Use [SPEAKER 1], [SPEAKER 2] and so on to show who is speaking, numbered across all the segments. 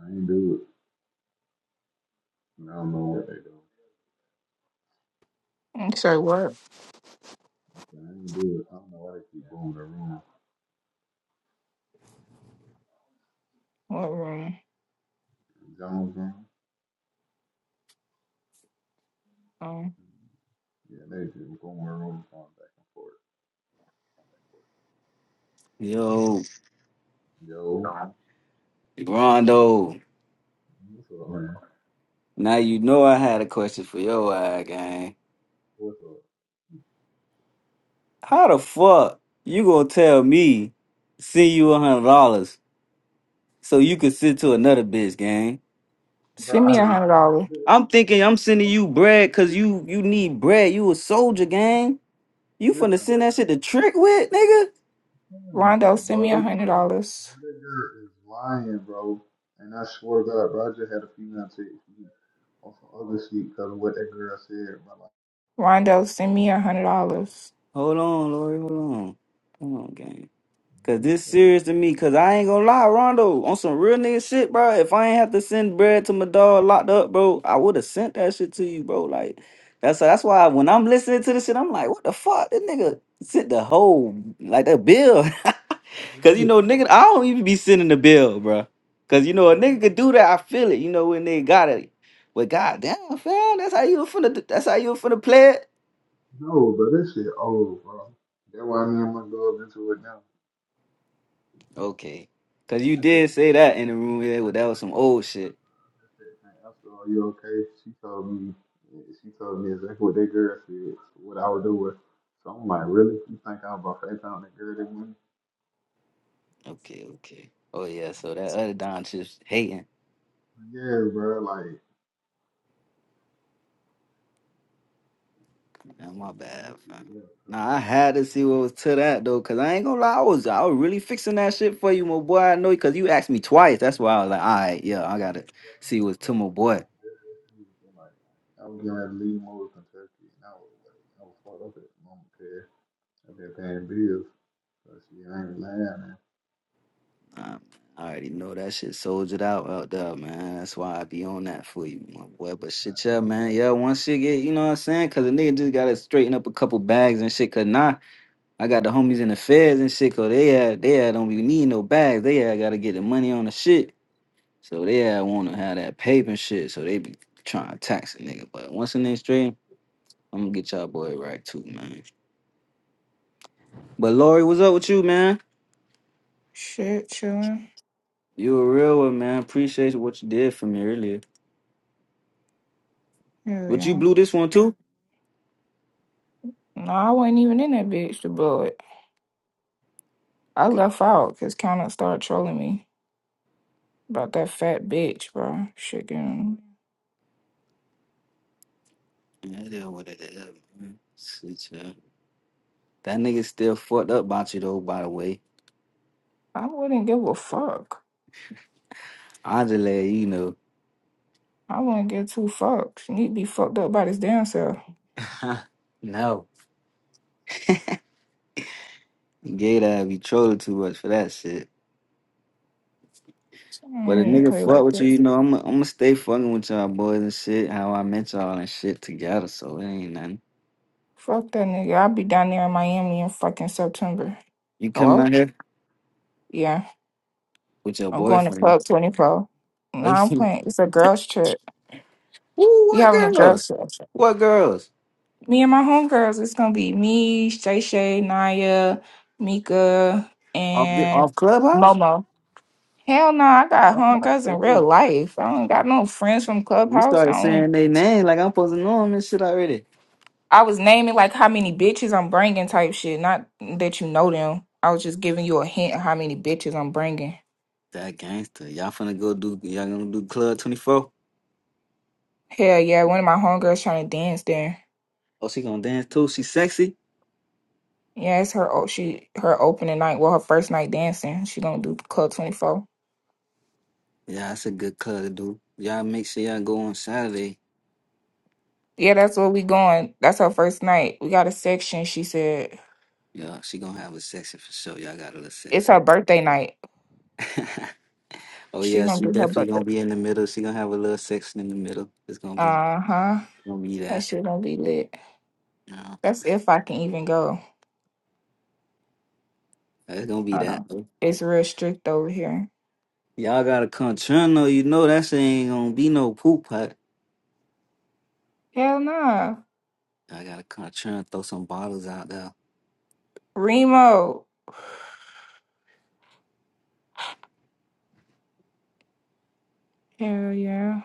[SPEAKER 1] I ain't do it. I don't know what they do.
[SPEAKER 2] You say what?
[SPEAKER 1] I ain't do it. I don't know why they keep going to the room.
[SPEAKER 2] What room?
[SPEAKER 1] Jones room?
[SPEAKER 2] Um,
[SPEAKER 1] Yeah, they keep going to the room going back and forth.
[SPEAKER 3] Yo,
[SPEAKER 1] Yo,
[SPEAKER 3] Rondo,
[SPEAKER 1] what's up, man?
[SPEAKER 3] now you know I had a question for your eye, gang.
[SPEAKER 1] What's up?
[SPEAKER 3] How the fuck you gonna tell me send you a hundred dollars so you can send to another bitch, gang?
[SPEAKER 1] Bro, I
[SPEAKER 2] send me a
[SPEAKER 1] did not
[SPEAKER 2] hundred
[SPEAKER 1] do this.
[SPEAKER 2] dollars.
[SPEAKER 1] Bro.
[SPEAKER 3] I'm
[SPEAKER 1] Yeah,
[SPEAKER 3] thinking
[SPEAKER 1] they
[SPEAKER 3] I'm
[SPEAKER 1] listen,
[SPEAKER 3] sending you bread cause you you need bread. You a soldier, gang. You finna
[SPEAKER 1] listen, bro.
[SPEAKER 3] send that shit to trick with, nigga?
[SPEAKER 1] Hell
[SPEAKER 2] Rondo,
[SPEAKER 1] no, bro.
[SPEAKER 2] send me a
[SPEAKER 1] This,
[SPEAKER 2] hundred dollars.
[SPEAKER 1] that girl is lying, bro. And I swear to God, bro, I just had a female text on some other shit because of what that girl said. But like,
[SPEAKER 2] Rondo, send me a hundred dollars.
[SPEAKER 3] Hold on, Lori, hold on. Hold on, gang. Cause
[SPEAKER 1] you
[SPEAKER 3] this
[SPEAKER 1] telling
[SPEAKER 3] serious to me. Cause I ain't gonna lie, Rondo, on some real nigga shit, bro. If I ain't have to send bread to my dog locked up, bro, I would have sent that shit to you, bro. Like that's that's why when I'm listening to this shit, I'm like, what the fuck? This nigga sent the whole like the bill. Cause you
[SPEAKER 1] me,
[SPEAKER 3] know, nigga, I don't even be sending the bill, bro. Cause you know a
[SPEAKER 1] bro,
[SPEAKER 3] nigga could do that. I feel it, you know, when they got it. But goddamn, fam, that's how you were finna that's how you were finna play it.
[SPEAKER 1] No, but this shit old, bro. That's why me and my girls into it now.
[SPEAKER 3] Okay. Cause you
[SPEAKER 1] I just
[SPEAKER 3] did
[SPEAKER 1] said,
[SPEAKER 3] say that in the
[SPEAKER 1] I
[SPEAKER 3] room,
[SPEAKER 1] just,
[SPEAKER 3] yeah,
[SPEAKER 1] I
[SPEAKER 3] well, that was
[SPEAKER 1] just
[SPEAKER 3] some
[SPEAKER 1] said,
[SPEAKER 3] old shit.
[SPEAKER 1] I just said, "Hey, Esther, are you okay? She told me, she told me exactly what that girl said, what I was doing. So I'm like, really? You think I'm about to FaceTime that girl that morning?
[SPEAKER 3] Okay, okay. Oh yeah, so that other Don just hating.
[SPEAKER 1] Yeah, bro. Like,
[SPEAKER 3] Nah, my
[SPEAKER 1] man,
[SPEAKER 3] bad.
[SPEAKER 1] this shit
[SPEAKER 3] fam.
[SPEAKER 1] is
[SPEAKER 3] Nah, I
[SPEAKER 1] crazy.
[SPEAKER 3] had to see what was to that though, cause I ain't gonna lie, I was I was really fixing that shit for you, my boy. I know, cause you asked me twice. That's why I was like, all right, yeah, I gotta
[SPEAKER 1] I was
[SPEAKER 3] see
[SPEAKER 1] just
[SPEAKER 3] what's to my boy.
[SPEAKER 1] confused, but, like, I was going to leave more Kentucky, and I was like, I was fucked up at the moment, cause I've been paying bills. But see, I ain't mad, man.
[SPEAKER 3] Um, I already know that shit soldiered out out there, man. That's why I be on that for you, my boy.
[SPEAKER 1] It's
[SPEAKER 3] But
[SPEAKER 1] fine,
[SPEAKER 3] shit, yeah,
[SPEAKER 1] man.
[SPEAKER 3] man, yeah. Once shit get, you know what I'm saying? Cause a nigga just gotta straighten up a couple bags and shit. Cause nah. I got the homies in the feds and shit, cause they had they had don't be need no bags. They had gotta get the money on the shit. So they had wanna have that paper and shit. So they be trying to tax a nigga. But once in their straight, I'm gonna get y'all boy right too, man. But Lori, what's up with you, man?
[SPEAKER 2] Shit, chillin'.
[SPEAKER 3] You a real one, man. Appreciate what you did for me earlier.
[SPEAKER 2] Here we
[SPEAKER 3] But you
[SPEAKER 2] go.
[SPEAKER 3] blew this one too?
[SPEAKER 2] No, I wasn't even in that bitch to blow it. I left out because Counter started trolling me about that fat bitch, bro. Shit, getting...
[SPEAKER 3] Yeah, it is what it is, man. Shit, yeah. That nigga still fucked up about you though, by the way.
[SPEAKER 2] I wouldn't give a fuck.
[SPEAKER 3] Angela, you know.
[SPEAKER 2] I wouldn't give two fucks. You need to be fucked up by this damn self.
[SPEAKER 3] no. Gay that be trolling too much for that shit.
[SPEAKER 2] I
[SPEAKER 3] But a
[SPEAKER 2] don't even
[SPEAKER 3] nigga
[SPEAKER 2] play
[SPEAKER 3] fuck
[SPEAKER 2] like
[SPEAKER 3] with you,
[SPEAKER 2] that.
[SPEAKER 3] you know, I'm I'm gonna stay fucking with y'all boys and shit. How I met y'all and shit together, so it ain't nothing.
[SPEAKER 2] Fuck that nigga. I'll be down there in Miami in fucking September.
[SPEAKER 3] You coming out
[SPEAKER 2] Hello?
[SPEAKER 3] here
[SPEAKER 2] Yeah.
[SPEAKER 3] with your
[SPEAKER 2] I'm going to
[SPEAKER 3] boyfriend?
[SPEAKER 2] Club 24. No, I'm playing. It's a girls' trip.
[SPEAKER 3] Ooh,
[SPEAKER 2] We
[SPEAKER 3] what
[SPEAKER 2] having a girls'
[SPEAKER 3] girls?
[SPEAKER 2] trip.
[SPEAKER 3] What girls?
[SPEAKER 2] Me and my homegirls, it's going to be me, Shay Shay, Naya, Mika,
[SPEAKER 3] Off
[SPEAKER 2] and
[SPEAKER 3] off clubhouse?
[SPEAKER 2] Momo. Hell no, I got
[SPEAKER 3] I'm not
[SPEAKER 2] homegirls in real
[SPEAKER 3] crazy.
[SPEAKER 2] life. I don't got no friends from
[SPEAKER 3] You
[SPEAKER 2] Clubhouse.
[SPEAKER 3] started
[SPEAKER 2] I don't.
[SPEAKER 3] saying they name like I'm supposed to know them and shit already.
[SPEAKER 2] I was naming like how many bitches I'm bringing type shit. Not that you know them. I was just giving you a hint of how many bitches I'm bringing.
[SPEAKER 3] That gangster. Y'all finna go do y'all gonna do club 24?
[SPEAKER 2] Hell yeah, one of my homegirls trying to dance there.
[SPEAKER 3] Oh, she gonna dance too? She sexy?
[SPEAKER 2] Yeah, it's her. o- She her opening night. Well, her first night dancing. She gonna do Club Twenty Four.
[SPEAKER 3] Yeah, that's a good club to do. Y'all make sure y'all go on Saturday
[SPEAKER 2] Yeah, that's where we going. That's her first night. We got a section. She said
[SPEAKER 3] Yeah, she gonna have a section for sure. Y'all got a little
[SPEAKER 2] it's
[SPEAKER 3] section.
[SPEAKER 2] her birthday night.
[SPEAKER 3] oh
[SPEAKER 2] She
[SPEAKER 3] yeah,
[SPEAKER 2] gonna
[SPEAKER 3] she
[SPEAKER 2] do her
[SPEAKER 3] definitely gonna
[SPEAKER 2] birthday.
[SPEAKER 3] be in the middle. She gonna have a little section in the middle. It's gonna be
[SPEAKER 2] Uh huh.
[SPEAKER 3] gonna be
[SPEAKER 2] That
[SPEAKER 3] that.
[SPEAKER 2] shit gonna be lit.
[SPEAKER 3] Yeah,
[SPEAKER 2] That's if I can even go.
[SPEAKER 3] it's gonna be
[SPEAKER 2] I don't
[SPEAKER 3] that.
[SPEAKER 2] know.
[SPEAKER 3] though.
[SPEAKER 2] It's real strict over here.
[SPEAKER 3] Y'all got a concerno, you know that shit ain't gonna be no poop hut.
[SPEAKER 2] Hell nah.
[SPEAKER 3] I got a concerno, throw some bottles out there.
[SPEAKER 2] Remo. Hell yeah.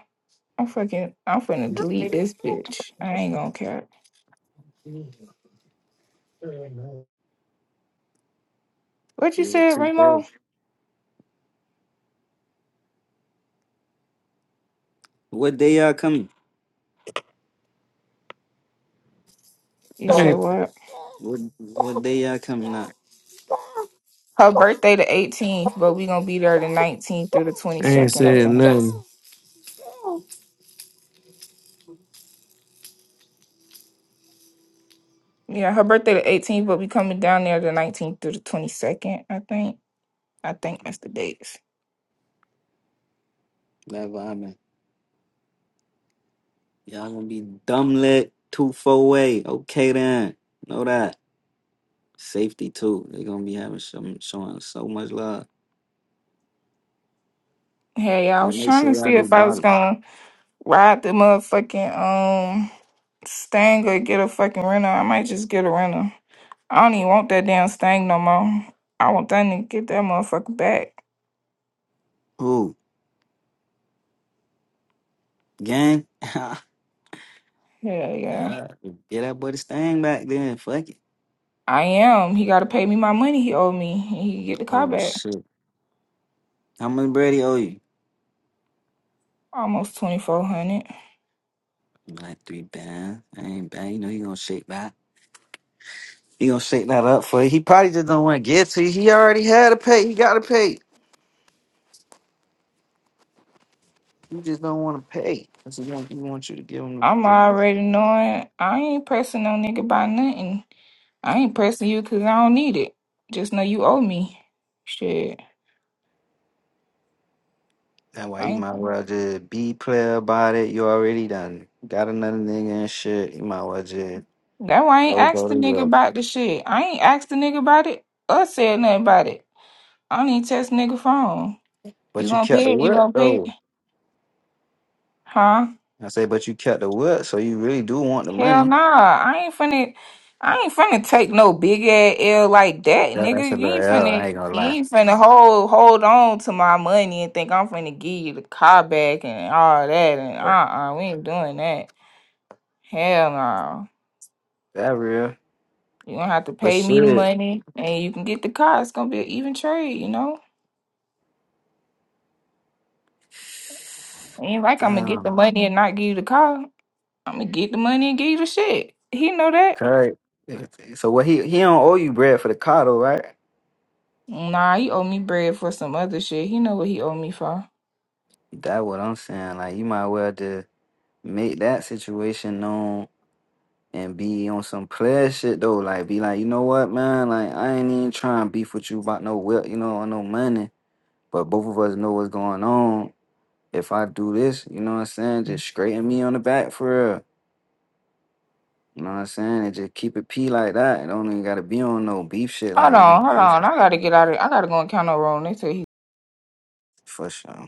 [SPEAKER 2] I'm fucking. I'm finna delete
[SPEAKER 4] I
[SPEAKER 2] this bitch. I ain't gonna care. What you
[SPEAKER 3] Yeah,
[SPEAKER 2] said,
[SPEAKER 3] too
[SPEAKER 2] Remo?
[SPEAKER 3] cold. What day y'all coming?
[SPEAKER 2] You said
[SPEAKER 4] ain't,
[SPEAKER 2] what?
[SPEAKER 3] What what day y'all coming out?
[SPEAKER 2] Her birthday the 18th, but we gonna be there the 19th through the
[SPEAKER 4] I ain't
[SPEAKER 2] 22nd, I
[SPEAKER 4] said
[SPEAKER 2] think.
[SPEAKER 4] nothing.
[SPEAKER 2] Yeah, her birthday the 18th, but we coming down there the 19th through the 22nd, I think. I think that's the dates.
[SPEAKER 3] That vibing. Y'all gonna be dumb lit two four way. Okay then. Know that. Safety too. They're gonna be having some showing so much love.
[SPEAKER 2] Hey, I
[SPEAKER 3] They
[SPEAKER 2] was
[SPEAKER 3] make
[SPEAKER 2] trying
[SPEAKER 3] sure
[SPEAKER 2] to
[SPEAKER 3] y'all
[SPEAKER 2] see
[SPEAKER 3] do
[SPEAKER 2] if I was
[SPEAKER 3] bottle.
[SPEAKER 2] gonna ride the motherfucking um Stang or get a fucking rental. I might just get a rental. I don't even want that damn Stang no more. I want that nigga to get that motherfucker back.
[SPEAKER 3] Who? Gang? yeah.
[SPEAKER 2] Yeah, yeah.
[SPEAKER 3] Get that boy the stain back then. Fuck it.
[SPEAKER 2] I am. He gotta pay me my money he owed me, and he can get the car
[SPEAKER 3] Oh
[SPEAKER 2] back.
[SPEAKER 3] shit. How much Brady owe you?
[SPEAKER 2] Almost twenty four hundred.
[SPEAKER 3] Like three bands. I ain't bad. You know he gonna shake that. He gonna shake that up for you. He probably just don't want to get to you. He already had to pay. He gotta pay. You just don't want to pay. That's what he want, he want you to give him
[SPEAKER 2] I'm
[SPEAKER 3] the, the
[SPEAKER 2] already knowing I ain't pressing no nigga by nothing. I ain't pressing you 'cause I don't need it. Just know you owe me. Shit.
[SPEAKER 3] That's why
[SPEAKER 2] I
[SPEAKER 3] you
[SPEAKER 2] ain't,
[SPEAKER 3] might well just be player about it. You already done got another nigga and shit. You might well just
[SPEAKER 2] that why I
[SPEAKER 3] That
[SPEAKER 2] ain't
[SPEAKER 3] was all
[SPEAKER 2] asked
[SPEAKER 3] they
[SPEAKER 2] the nigga
[SPEAKER 3] were.
[SPEAKER 2] about the shit. I ain't asked the nigga about it or said nothing about it. I don't even test nigga phone. You
[SPEAKER 3] But you
[SPEAKER 2] gonna
[SPEAKER 3] kept the
[SPEAKER 2] pay it? You
[SPEAKER 3] whip
[SPEAKER 2] gonna pay it?
[SPEAKER 3] though.
[SPEAKER 2] Huh?
[SPEAKER 3] I say, but you kept the whip, so you really do want the
[SPEAKER 2] Hell
[SPEAKER 3] money.
[SPEAKER 2] nah, I ain't finna. I ain't finna take no big ass L like that,
[SPEAKER 3] Yeah,
[SPEAKER 2] nigga.
[SPEAKER 3] that's a
[SPEAKER 2] You
[SPEAKER 3] little
[SPEAKER 2] ain't
[SPEAKER 3] L. I
[SPEAKER 2] finna.
[SPEAKER 3] ain't gonna
[SPEAKER 2] You
[SPEAKER 3] lie.
[SPEAKER 2] ain't finna hold hold on to my money and think I'm finna give you the car back and all that. And
[SPEAKER 3] Right.
[SPEAKER 2] uh, uh we ain't doing that. Hell no.
[SPEAKER 3] That real.
[SPEAKER 2] You gonna have to
[SPEAKER 3] But
[SPEAKER 2] pay me the
[SPEAKER 3] shit,
[SPEAKER 2] money, and you can get the car. It's gonna be an even trade, you know. Ain't like I'm gonna get the
[SPEAKER 3] damn,
[SPEAKER 2] money and not give you the car. I'm gonna get the money and give you the shit. He know that.
[SPEAKER 3] Kurt. So what he he don't owe you bread for the car though, right?
[SPEAKER 2] Nah, he owe me bread for some other shit. He know what he owe me for.
[SPEAKER 3] That what I'm saying. Like you might well just make that situation known and be on some player shit though. Like be like, you know what, man? Like I ain't even trying to beef with you about no whip, you know, or no money. But both of us know what's going on. if I do this, you know what I'm saying, just straighten me on the back for real. You know what I'm saying? And just keep it P like that. It don't even gotta be on no beef shit
[SPEAKER 2] Hold
[SPEAKER 3] like you know
[SPEAKER 2] on, hold on. I gotta get out of I gotta go in counter room. They said he
[SPEAKER 3] for sure.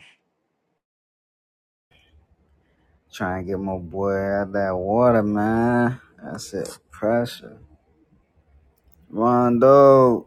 [SPEAKER 3] Trying to get my boy out that water, man. That's it. Pressure. Rondo.